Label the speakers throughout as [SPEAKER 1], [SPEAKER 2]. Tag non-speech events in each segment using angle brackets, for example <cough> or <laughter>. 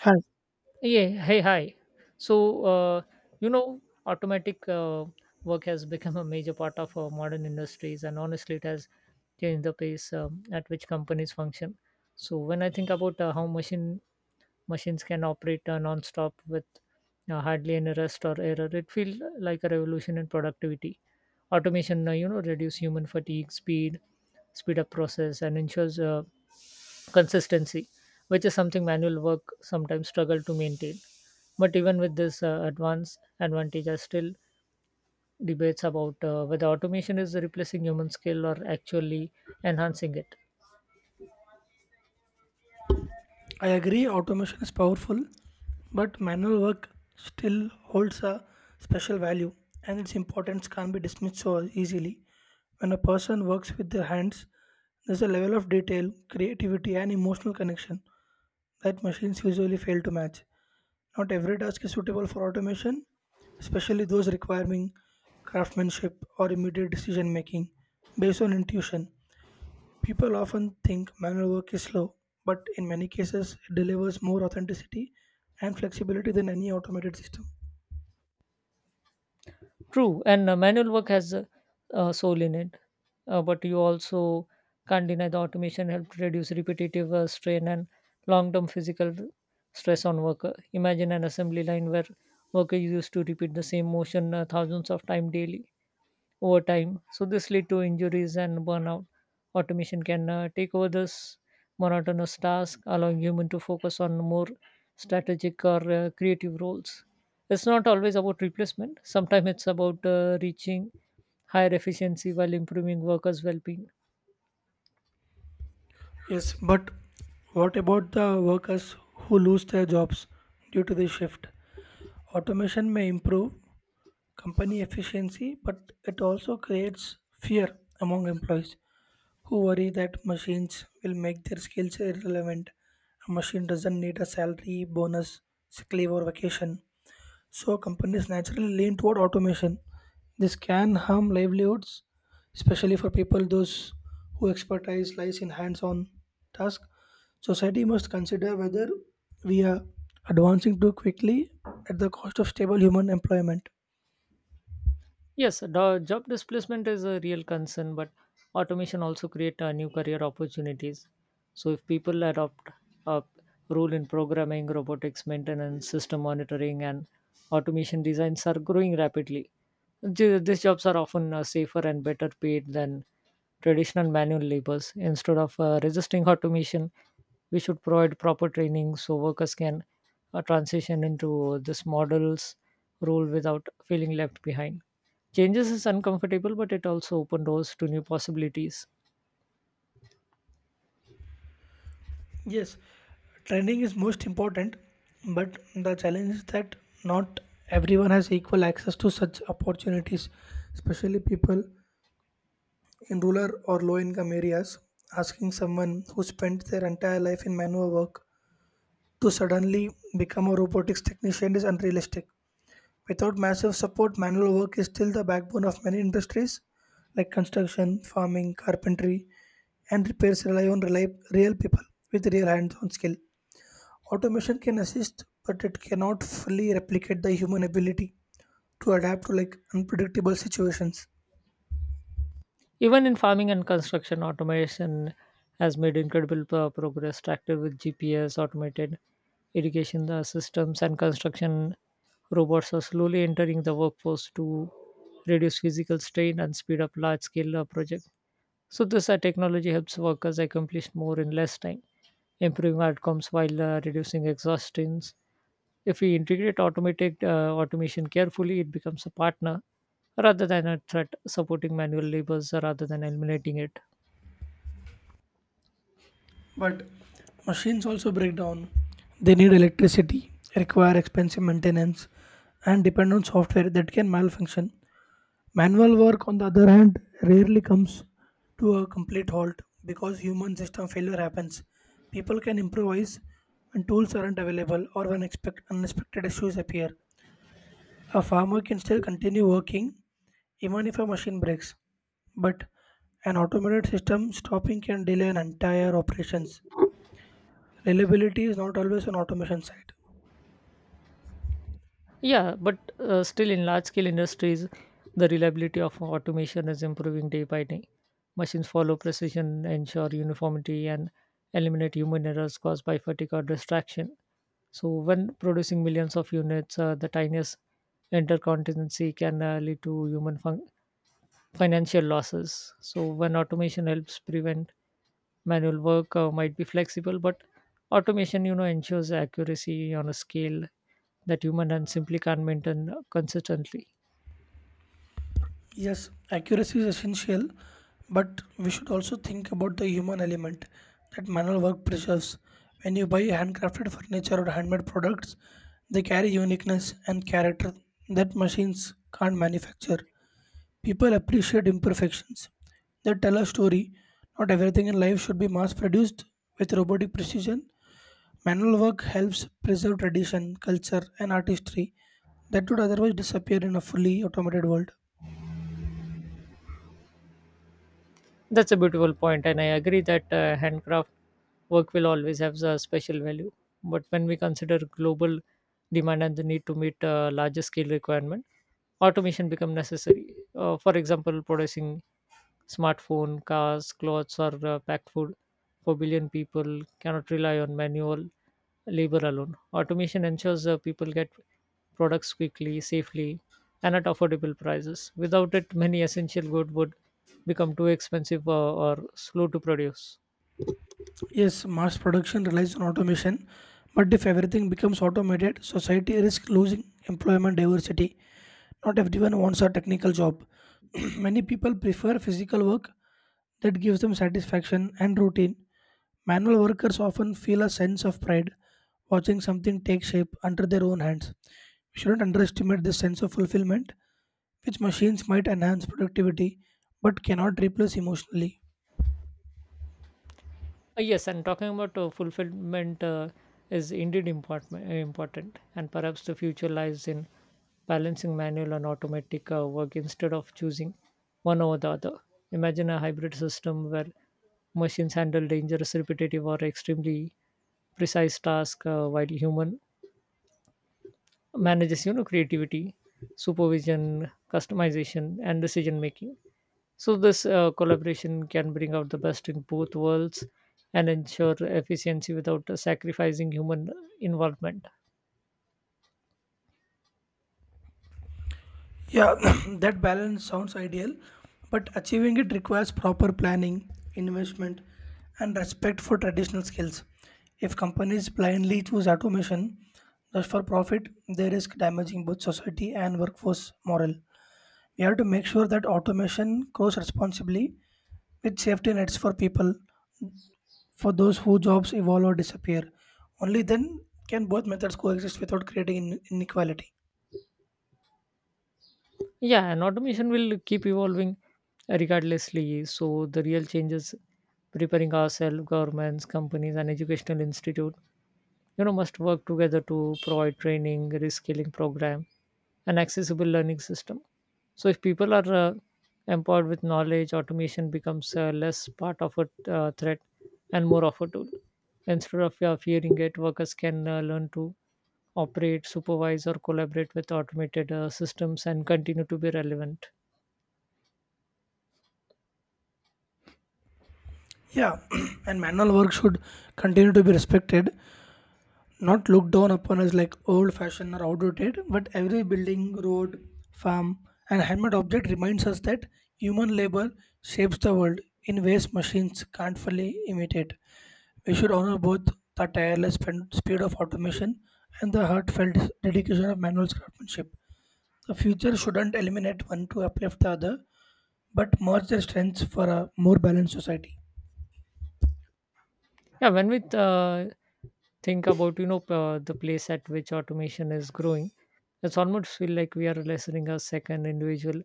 [SPEAKER 1] Hi.
[SPEAKER 2] Yeah, hey, hi. So, uh, automatic work has <laughs> become a major part of our modern industries, and honestly, it has changed the pace at which companies function. So, when I think about how machines can operate non-stop with hardly any rest or error, it feels like a revolution in productivity. Automation reduce human fatigue, speed up process, and ensures consistency, which is something manual work sometimes struggle to maintain. But even with this advanced advantage, are still debates about whether automation is replacing human skill or actually enhancing it.
[SPEAKER 1] I agree automation is powerful, but manual work still holds a special value and its importance can't be dismissed so easily. When a person works with their hands, there's a level of detail, creativity, and emotional connection that machines usually fail to match. Not every task is suitable for automation, especially those requiring craftsmanship or immediate decision making based on intuition. People often think manual work is slow, but in many cases, it delivers more authenticity and flexibility than any automated system.
[SPEAKER 2] True, and manual work has a soul in it, but you also can't deny the automation helped reduce repetitive strain and long-term physical stress on worker. Imagine an assembly line where worker used to repeat the same motion thousands of times daily over time. So this lead to injuries and burnout. Automation can take over this monotonous task, allowing human to focus on more strategic or creative roles. It's not always about replacement. Sometimes it's about reaching higher efficiency while improving workers' well-being.
[SPEAKER 1] Yes, but what about the workers who lose their jobs due to this shift? Automation may improve company efficiency, but it also creates fear among employees who worry that machines will make their skills irrelevant. A machine doesn't need a salary, bonus, sick leave, or vacation. So companies naturally lean toward automation. This can harm livelihoods, especially for people those who expertise lies in hands-on task. Society must consider whether we are advancing too quickly at the cost of stable human employment.
[SPEAKER 2] Yes, the job displacement is a real concern, but automation also create new career opportunities. So if people adopt a role in programming, robotics, maintenance, system monitoring, and automation designs are growing rapidly. These jobs are often safer and better paid than traditional manual labors. Instead of resisting automation, we should provide proper training so workers can transition into this model's role without feeling left behind. Changes is uncomfortable, but it also opened doors to new possibilities.
[SPEAKER 1] Yes, training is most important, but the challenge is that not everyone has equal access to such opportunities, especially people in rural or low income areas, asking someone who spent their entire life in manual work to suddenly become a robotics technician is unrealistic. Without massive support, manual work is still the backbone of many industries like construction, farming, carpentry, and repairs rely on real people with real hands on skill. Automation can assist, but it cannot fully replicate the human ability to adapt to like unpredictable situations.
[SPEAKER 2] Even in farming and construction, automation has made incredible progress. Tractor with GPS, automated irrigation systems, and construction robots are slowly entering the workforce to reduce physical strain and speed up large scale projects. So, this technology helps workers accomplish more in less time, improving outcomes while reducing exhaustions. If we integrate automated automation carefully, it becomes a partner rather than a threat, supporting manual labors rather than eliminating it.
[SPEAKER 1] But machines also break down. They need electricity, require expensive maintenance, and depend on software that can malfunction. Manual work, on the other hand, rarely comes to a complete halt because human system failure happens. People can improvise when tools aren't available or when unexpected issues appear. A farmer can still continue working even if a machine breaks, but an automated system stopping can delay an entire operations. Reliability is not always on automation side.
[SPEAKER 2] Yeah, but still, in large scale industries, the reliability of automation is improving day by day. Machines follow precision, ensure uniformity, and eliminate human errors caused by fatigue or distraction. So, when producing millions of units, the tiniest interconsistency can lead to human func financial losses. So when automation helps prevent manual work, might be flexible, but automation ensures accuracy on a scale that human and simply can't maintain consistently.
[SPEAKER 1] Yes, accuracy is essential, but we should also think about the human element that manual work preserves. When you buy handcrafted furniture or handmade products, they carry uniqueness and character that machines can't manufacture. People appreciate imperfections, they tell a story. Not everything in life should be mass produced with robotic precision. Manual work helps preserve tradition, culture, and artistry that would otherwise disappear in a fully automated world.
[SPEAKER 2] That's a beautiful point, and I agree that handcraft work will always have a special value. But when we consider global demand and the need to meet larger scale requirement, automation become necessary. For example, producing Smartphone, cars, clothes, or packed food. 4 billion people cannot rely on manual labor alone. Automation ensures people get products quickly, safely, and at affordable prices. Without it, many essential goods would become too expensive or slow to produce.
[SPEAKER 1] Yes, mass production relies on automation, but if everything becomes automated, society risks losing employment diversity. Not everyone wants a technical job. <clears throat> Many people prefer physical work that gives them satisfaction and routine. Manual workers often feel a sense of pride watching something take shape under their own hands. We shouldn't underestimate this sense of fulfillment which machines might enhance productivity but cannot replace emotionally.
[SPEAKER 2] Yes, and talking about fulfillment is indeed important, and perhaps the future lies in balancing manual and automatic work instead of choosing one over the other. Imagine a hybrid system where machines handle dangerous, repetitive, or extremely precise tasks, while human manages creativity, supervision, customization, and decision making. So, this collaboration can bring out the best in both worlds and ensure efficiency without sacrificing human involvement.
[SPEAKER 1] Yeah, <clears throat> that balance sounds ideal, but achieving it requires proper planning, investment, and respect for traditional skills. If companies blindly choose automation just for profit, they risk damaging both society and workforce morale. We have to make sure that automation grows responsibly with safety nets for people, for those whose jobs evolve or disappear. Only then can both methods coexist without creating inequality.
[SPEAKER 2] Yeah, and automation will keep evolving regardlessly. So, the real changes preparing ourselves, governments, companies, and educational institute you know must work together to provide training reskilling program and accessible learning system so if people are empowered with knowledge automation becomes less part of a threat and more of a tool instead of fearing it workers can learn to operate supervise or collaborate with automated systems and continue to be relevant.
[SPEAKER 1] Yeah, <clears throat> and manual work should continue to be respected, not looked down upon as like old fashioned or outdated, but every building, road, farm, and handmade object reminds us that human labor shapes the world in ways machines can't fully imitate. We should honor both the tireless speed of automation and the heartfelt dedication of manual craftsmanship. The future shouldn't eliminate one to uplift the other, but merge their strengths for a more balanced society.
[SPEAKER 2] Yeah, when we think about the place at which automation is growing it's almost feel like we are listening a second individual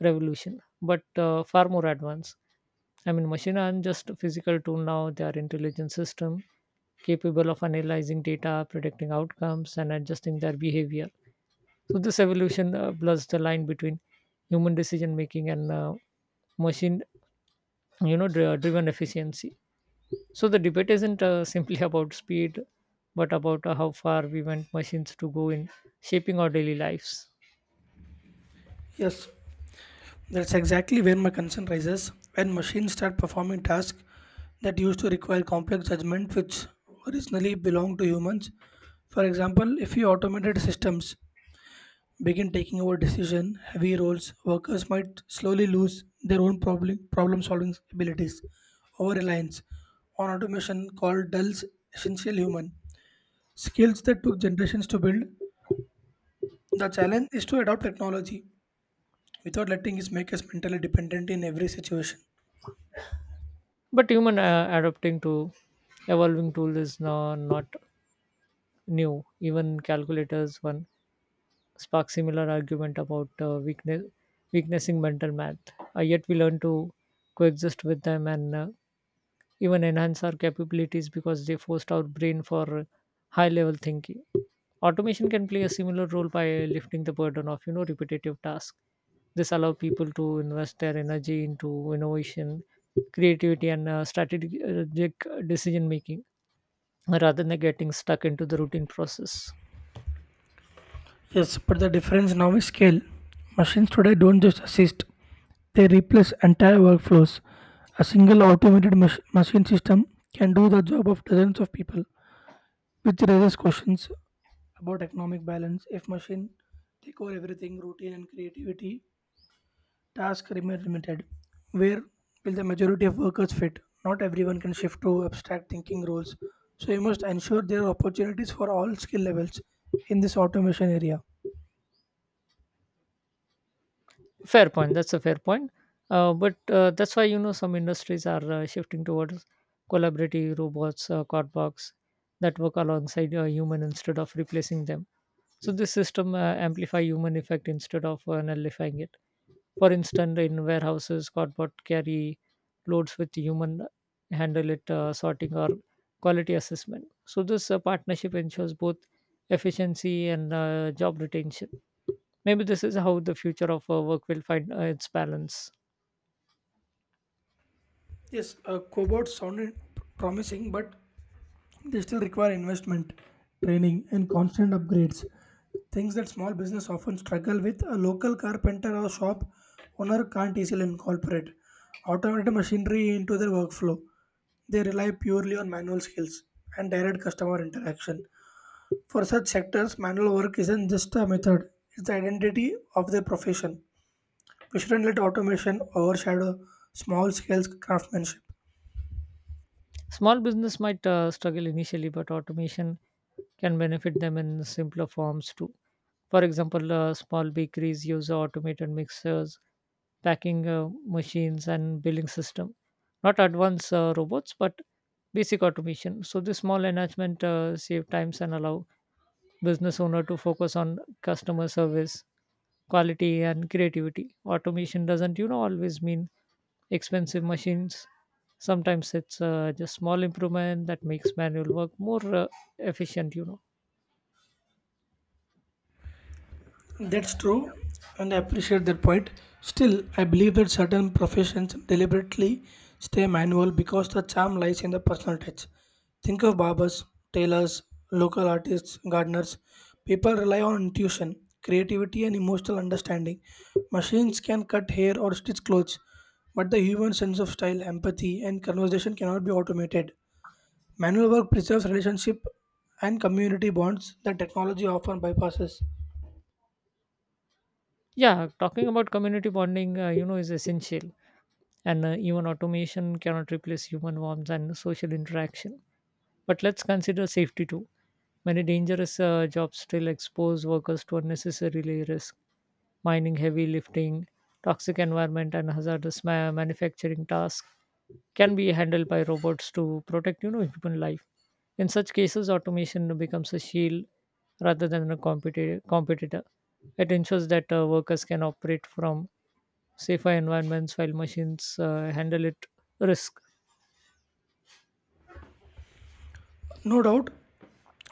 [SPEAKER 2] revolution, but far more advanced. I mean, machine aren't just a physical tool now; they are intelligent system capable of analyzing data, predicting outcomes, and adjusting their behavior. So this evolution blurs the line between human decision making and machine, driven efficiency. So the debate isn't simply <laughs> about speed, but about how far we want machines to go in shaping our daily lives.
[SPEAKER 1] Yes, that's exactly where my concern rises when machines start performing tasks that used to require complex judgment, which originally belonged to humans. For example, if you automated systems begin taking over decision heavy roles, workers might slowly lose their own problem solving abilities. Over reliance on automation called dulls essential human skills that took generations to build. The challenge is to adopt technology without letting it make us mentally dependent in every situation.
[SPEAKER 2] But human adapting to evolving tool is not new, even calculators one spark similar argument about weaknessing mental math. Yet we learn to coexist with them and even enhance our capabilities because they forced our brain for high level thinking. Automation can play a similar role by lifting the burden of you know repetitive tasks. This allow people to invest their energy into innovation, creativity, and strategic decision making rather than getting stuck into the routine process.
[SPEAKER 1] Yes, but the difference now is scale. Machines today don't just assist, they replace entire workflows. A single automated machine system can do the job of dozens of people, which raises questions about economic balance. If machine take over everything, routine and creativity, tasks remain limited. Where will the majority of workers fit? Not everyone can shift to abstract thinking roles. So you must ensure there are opportunities for all skill levels in this automation area.
[SPEAKER 2] Fair point. That's a fair point. But that's why you know some industries are shifting towards collaborative robots, cardbox that work alongside a human instead of replacing them. So this system amplify human effect instead of nullifying it. For instance, in warehouses, cardboard carry loads with human handle it sorting or quality assessment. So this partnership ensures both efficiency and job retention. Maybe this is how the future of work will find its balance.
[SPEAKER 1] Yes, cobots sounded promising, but they still require investment, training, and constant upgrades. Things that small business often struggle with, a local carpenter or shop owner can't easily incorporate automated machinery into their workflow. They rely purely on manual skills and direct customer interaction. For such sectors, manual work isn't just a method, it's the identity of their profession. We shouldn't let automation overshadow small scale craftsmanship.
[SPEAKER 2] Small business might struggle initially, but automation can benefit them in simpler forms too. For example, small bakeries use automated mixers, packing machines, and billing system. Not advanced robots, but basic automation. So this small enhancement save times and allow business owner to focus on customer service, quality, and creativity. Automation doesn't always mean expensive machines. Sometimes it's just small improvement that makes manual work more uh efficient.
[SPEAKER 1] That's true, and I appreciate that point. Still, I believe that certain professions deliberately stay manual because the charm lies in the personal touch. Think of barbers, tailors, local artists, gardeners. People rely on intuition, creativity, and emotional understanding. Machines can cut hair or stitch clothes, but the human sense of style, empathy, and conversation cannot be automated. Manual work preserves relationship and community bonds that technology often bypasses.
[SPEAKER 2] Yeah, talking about community bonding is essential. And even automation cannot replace human warmth and social interaction. But let's consider safety too. Many dangerous jobs still expose workers to unnecessary risk mining, heavy lifting, toxic environment, and hazardous manufacturing tasks can be handled by robots to protect you know human life. In such cases automation becomes a shield rather than a competitor. It ensures that workers can operate from safer environments while machines handle it risk.
[SPEAKER 1] No doubt,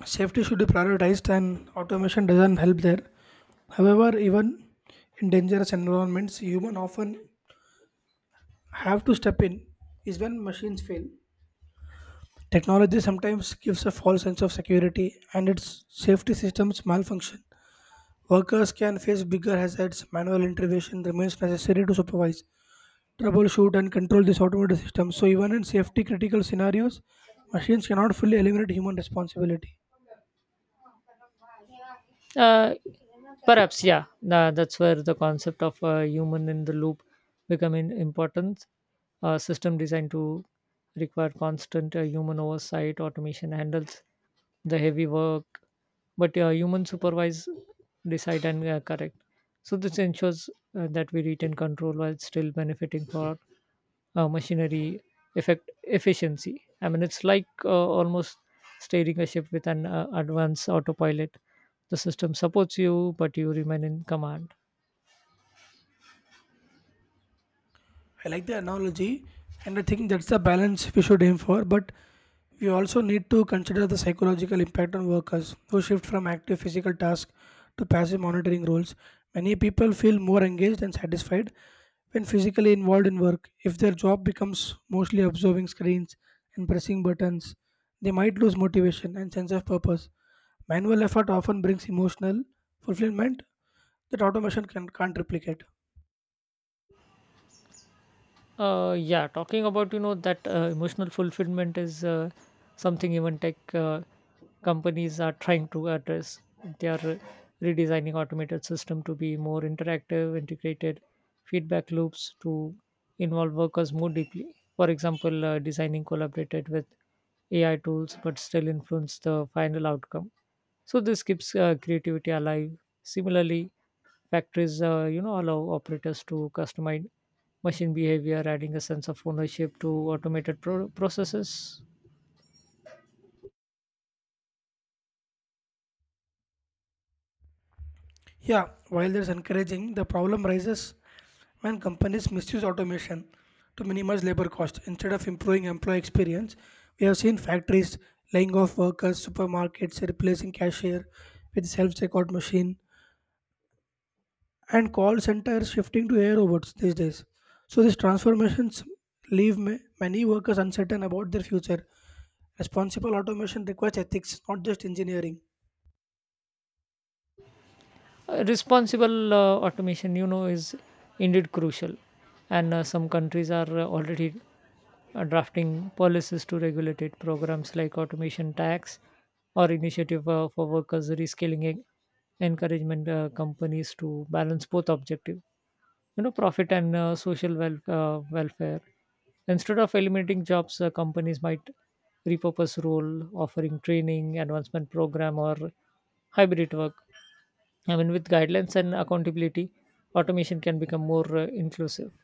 [SPEAKER 1] safety should be prioritized and automation doesn't help there. However, even in dangerous environments humans often have to step in, is when machines fail. Technology sometimes gives a false sense of security and its safety systems malfunction. Workers can face bigger hazards. Manual intervention remains necessary to supervise, troubleshoot and control this automated system. So even in safety critical scenarios, machines cannot fully eliminate human responsibility.
[SPEAKER 2] uh, Perhaps, yeah, that's where the concept of human in the loop becoming important. A system designed to require constant human oversight automation handles the heavy work but human supervise decide and correct so this ensures that we retain control while still benefiting for machinery effect efficiency. I mean it's like almost steering a ship with an advanced autopilot, the system supports you but you remain in command.
[SPEAKER 1] I like the analogy, and I think that's the balance we should aim for. But we also need to consider the psychological impact on workers who shift from active physical tasks to passive monitoring roles. Many people feel more engaged and satisfied when physically involved in work. If their job becomes mostly observing screens and pressing buttons, they might lose motivation and sense of purpose. Manual effort often brings emotional fulfillment that automation can't replicate.
[SPEAKER 2] Yeah, talking about that emotional fulfillment is something even tech companies are trying to address. They are redesigning automated system to be more interactive, integrated feedback loops to involve workers more deeply. For example, designing collaborated with AI tools, but still influence the final outcome. So this keeps creativity alive. Similarly, factories allow operators to customize machine behavior, adding a sense of ownership to automated processes.
[SPEAKER 1] Yeah, while that's encouraging, the problem rises when companies misuse automation to minimize labor costs instead of improving employee experience. We have seen factories laying off workers, supermarkets replacing cashier with self-checkout machine, and call centers shifting to AI robots these days. So these transformations leave many workers uncertain about their future. Responsible automation requires ethics, not just engineering.
[SPEAKER 2] Responsible automation is indeed crucial, and some countries are already drafting policies to regulate it. Programs like automation tax or initiative for workers reskilling encouragement companies to balance both objective, profit and social welfare. Instead of eliminating jobs, companies might repurpose role, offering training, advancement program, or hybrid work. I mean, with guidelines and accountability, automation can become more inclusive.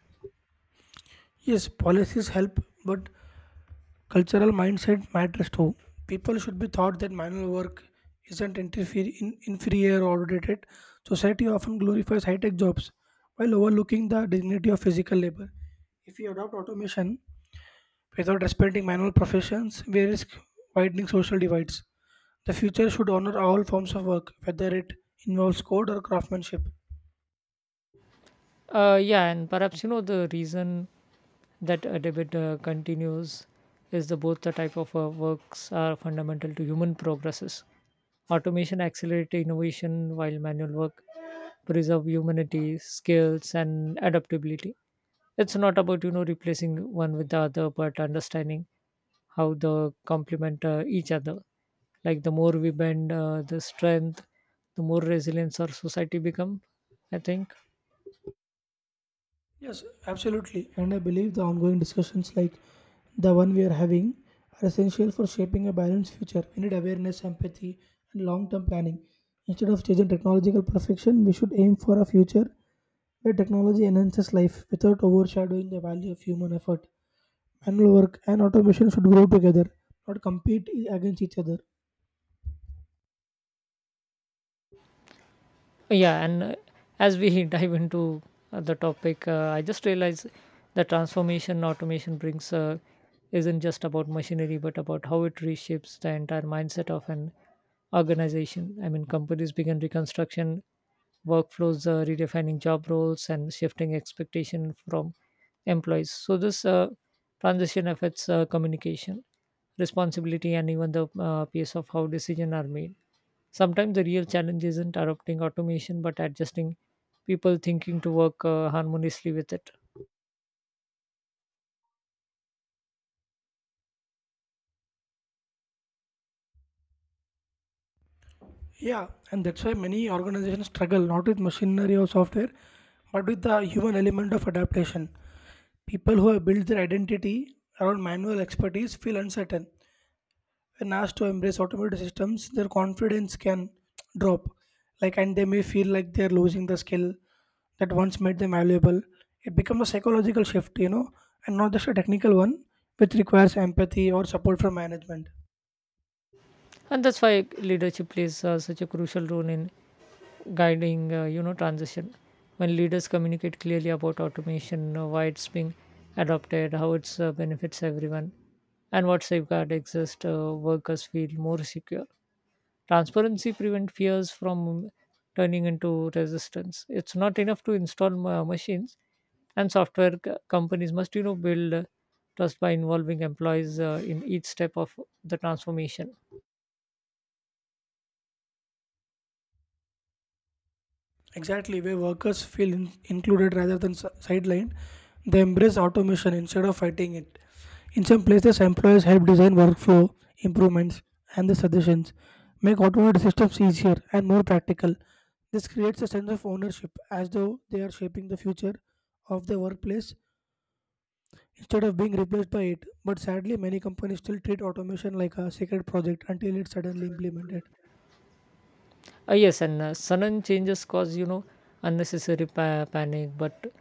[SPEAKER 1] Yes, policies help, but cultural mindset matters too. People should be taught that manual work isn't interfere in inferior or outdated. Society often glorifies high tech jobs while overlooking the dignity of physical labor. If we adopt automation without respecting manual professions, we risk widening social divides. The future should honor all forms of work, whether it involves code or craftsmanship.
[SPEAKER 2] Yeah, and perhaps you know the reason that a debate continues is the both the type of works are fundamental to human progresses. Automation accelerates innovation, while manual work preserve humanity, skills, and adaptability. It's not about you know replacing one with the other, but understanding how they complement each other. Like the more we bend, the strength, the more resilience our society become. I think.
[SPEAKER 1] Yes, absolutely. And I believe the ongoing discussions like the one we are having are essential for shaping a balanced future. We need awareness, empathy, and long term planning. Instead of chasing technological perfection, we should aim for a future where technology enhances life without overshadowing the value of human effort. Manual work and automation should grow together, not compete against each other.
[SPEAKER 2] Yeah, and as we <laughs> dive into the topic, I just realized the transformation automation brings isn't just about machinery, but about how it reshapes the entire mindset of an organization. I mean, companies begin reconstruction workflows, redefining job roles, and shifting expectation from employees. So this transition affects communication, responsibility, and even the pace of how decisions are made. Sometimes the real challenge isn't adopting automation but adjusting people thinking to work harmoniously with it.
[SPEAKER 1] Yeah, and that's why many organizations struggle not with machinery or software, but with the human element of adaptation. People who have built their identity around manual expertise feel uncertain. When asked to embrace automated systems, their confidence can drop. Like, and they may feel like they're losing the skill that once made them valuable. It becomes a psychological shift, and not just a technical one, which requires empathy or support from management.
[SPEAKER 2] And that's why leadership plays such a crucial role in guiding, transition. When leaders communicate clearly about automation, why it's being adopted, how it benefits everyone, and what safeguard exist, workers feel more secure. Transparency prevents fears from turning into resistance. It's not enough to install machines, and software companies must build trust by involving employees in each step of the transformation.
[SPEAKER 1] Exactly, where workers feel included rather than sidelined, they embrace automation instead of fighting it. In some places, employers help design workflow improvements and the suggestions, make automated systems easier and more practical. This creates a sense of ownership as though they are shaping the future of the workplace instead of being replaced by it. But sadly, many companies still treat automation like a sacred project until it's suddenly implemented.
[SPEAKER 2] Yes, and sudden changes cause unnecessary panic. But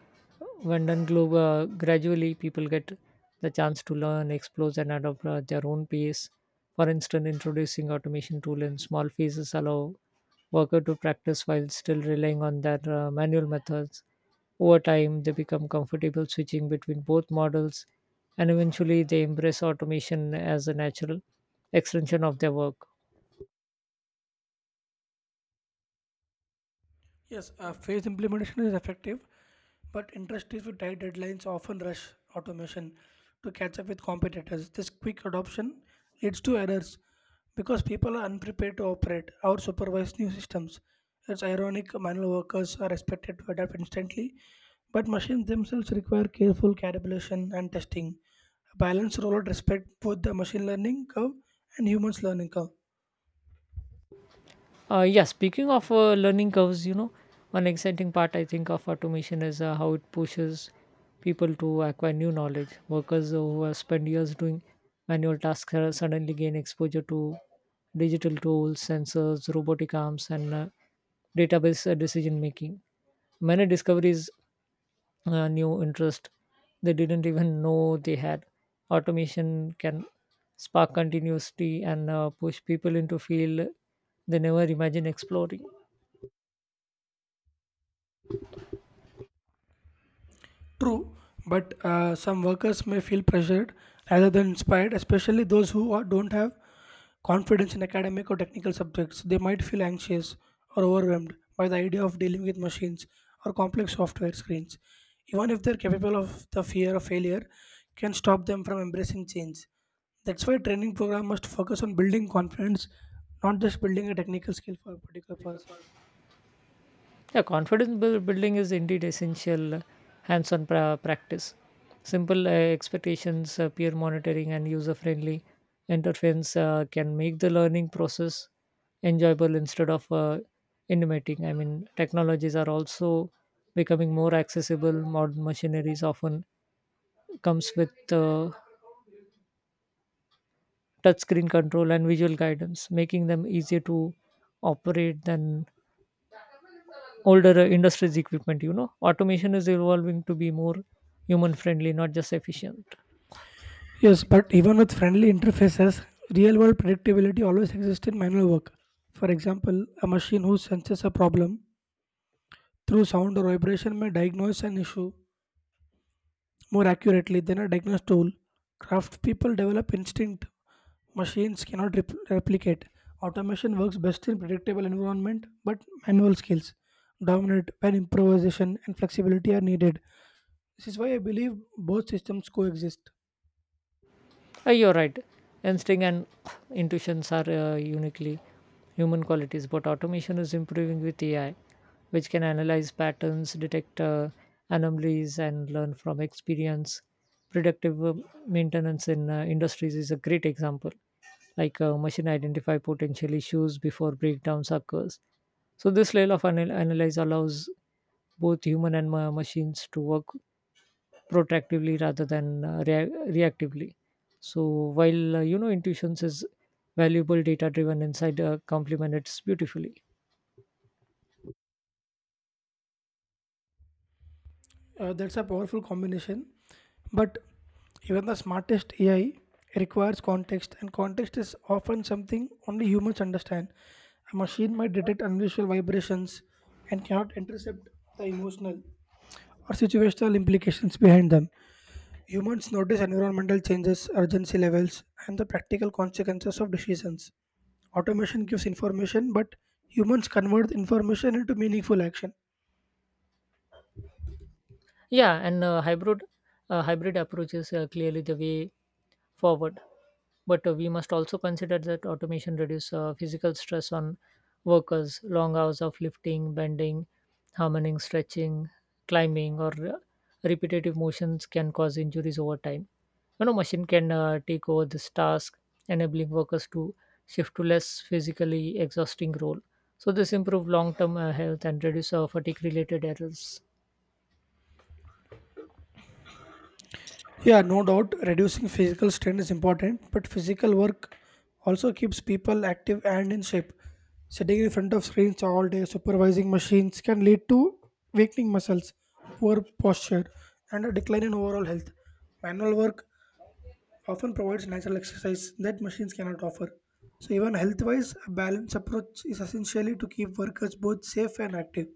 [SPEAKER 2] when done global, gradually people get the chance to learn, explore, and adopt their own pace. For instance, introducing automation tool in small phases allow worker to practice while still relying on their manual methods. Over time, they become comfortable switching between both models, and eventually they embrace automation as a natural extension of their work.
[SPEAKER 1] Yes, phased implementation is effective, but industries with tight deadlines often rush automation to catch up with competitors. This quick adoption leads to errors because people are unprepared to operate or supervise new systems. It's ironic, manual workers are expected to adapt instantly, but machines themselves require careful calibration and testing. A balanced rollout respect both the machine learning curve and humans learning curve.
[SPEAKER 2] Yeah, speaking of learning curves, you know, one exciting part I think of automation is how it pushes people to acquire new knowledge. Workers who have spent years doing manual tasks are suddenly gain exposure to digital tools, sensors, robotic arms, and database decision making. Many discoveries new interest they didn't even know they had. Automation can spark continuously and push people into field they never imagined exploring.
[SPEAKER 1] True, but some workers may feel pressured rather than inspired, especially those who are- don't have confidence in academic or technical subjects. They might feel anxious or overwhelmed by the idea of dealing with machines or complex software screens. Even if they're capable of the fear of failure, can stop them from embracing change. That's why training program must focus on building confidence, not just building a technical skill for a particular person.
[SPEAKER 2] Yeah, confidence building is indeed essential hands-on practice. Simple expectations, peer monitoring, and user-friendly interface can make the learning process enjoyable instead of intimating. I mean, technologies are also becoming more accessible. Modern machineries often comes with touchscreen control and visual guidance, making them easier to operate than older industries equipment. You know, automation is evolving to be more human friendly, not just efficient.
[SPEAKER 1] Yes, but even with friendly interfaces, real world predictability always exists in manual work. For example, a machine who senses a problem through sound or vibration may diagnose an issue more accurately than a diagnosed tool. Craft people develop instinct machines cannot replicate. Automation works best in predictable environment, but manual skills dominate when improvisation and flexibility are needed. This is why I believe both systems coexist.
[SPEAKER 2] You're right. Instinct and intuitions are uniquely human qualities, but automation is improving with AI, which can analyze patterns, detect anomalies, and learn from experience. Predictive maintenance in industries is a great example. Like a machine identify potential issues before breakdowns occurs. So this level of analyze allows both human and machines to work protractively rather than reactively. So while intuitions is valuable data driven insight complement it beautifully.
[SPEAKER 1] That's a powerful combination. But even the smartest AI requires context, and context is often something only humans understand. A machine might detect unusual vibrations and cannot intercept the emotional or situational implications behind them. Humans notice environmental changes, urgency levels, and the practical consequences of decisions. Automation gives information, but humans convert the information into meaningful action.
[SPEAKER 2] Yeah, and hybrid approach is clearly the way forward. But we must also consider that automation reduces physical stress on workers. Long hours of lifting, bending, hammering, stretching, climbing, or repetitive motions can cause injuries over time. You know, machine can take over this task, enabling workers to shift to less physically exhausting role. So this improve long-term health and reduce fatigue-related errors.
[SPEAKER 1] Yeah, no doubt, reducing physical strain is important, but physical work also keeps people active and in shape. Sitting in front of screens all day, supervising machines can lead to weakening muscles, poor posture, and a decline in overall health. Manual work often provides natural exercise that machines cannot offer. So, even health wise, a balanced approach is essentially to keep workers both safe and active.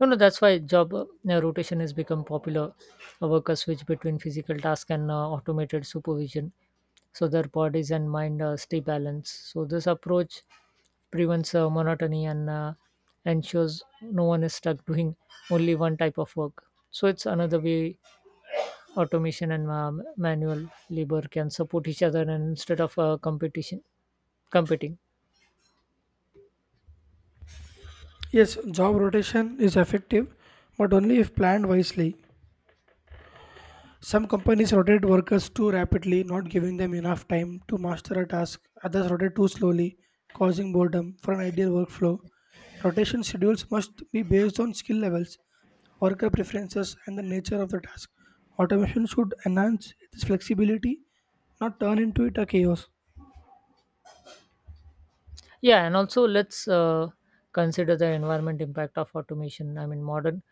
[SPEAKER 2] No, no, that's why job rotation has become popular. Workers switch between physical tasks and automated supervision so their bodies and mind stay balanced. So, this approach prevents monotony and ensures no one is stuck doing only one type of work. So, it's another way automation and manual labor can support each other and instead of competition competing.
[SPEAKER 1] Yes, job rotation is effective, but only if planned wisely. Some companies rotate workers too rapidly, not giving them enough time to master a task. Others rotate too slowly, causing boredom. For an ideal workflow, rotation schedules must be based on skill levels, worker preferences, and the nature of the task. Automation should enhance its flexibility, not turn into it a chaos.
[SPEAKER 2] Yeah, and also let's consider the environment impact of automation. I mean, modern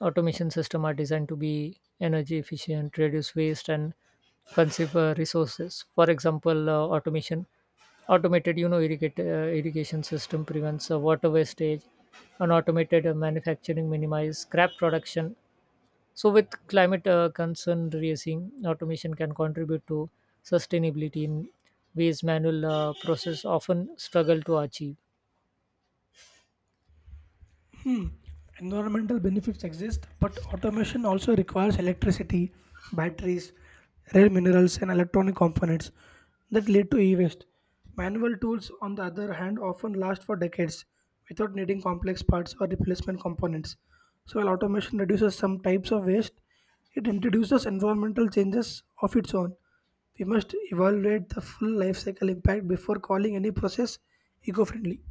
[SPEAKER 2] automation systems are designed to be energy efficient, reduce waste, and conserve resources. For example, automation automated irrigation system prevents water wastage and automated manufacturing minimize scrap production so with climate concern raising automation can contribute to sustainability in ways manual process often struggle to achieve.
[SPEAKER 1] Hmm. Environmental benefits exist, but automation also requires electricity, batteries, rare minerals, and electronic components that lead to e waste. Manual tools, on the other hand, often last for decades without needing complex parts or replacement components. So, while automation reduces some types of waste, it introduces environmental changes of its own. We must evaluate the full life cycle impact before calling any process eco friendly.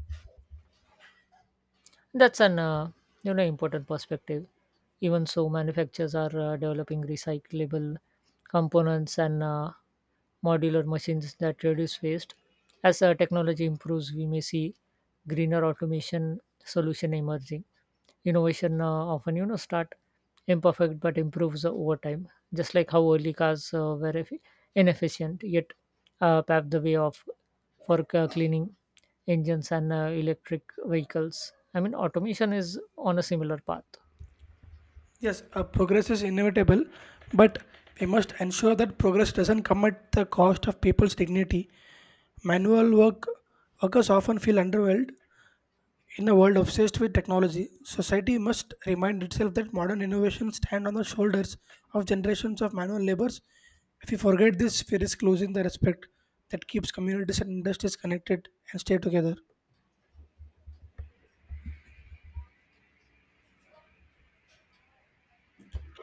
[SPEAKER 2] That's an important perspective. Even so, manufacturers are developing recyclable components and modular machines that reduce waste. As technology improves, we may see greener automation solution emerging. Innovation often start imperfect but improves over time. Just like how early cars inefficient, yet paved the way of for cleaning engines and electric vehicles. I mean automation is on a similar path.
[SPEAKER 1] Yes, progress is inevitable, but we must ensure that progress doesn't come at the cost of people's dignity. Manual work workers often feel underwhelmed in a world obsessed with technology. Society must remind itself that modern innovations stand on the shoulders of generations of manual laborers. If we forget this, we risk losing the respect that keeps communities and industries connected and stay together.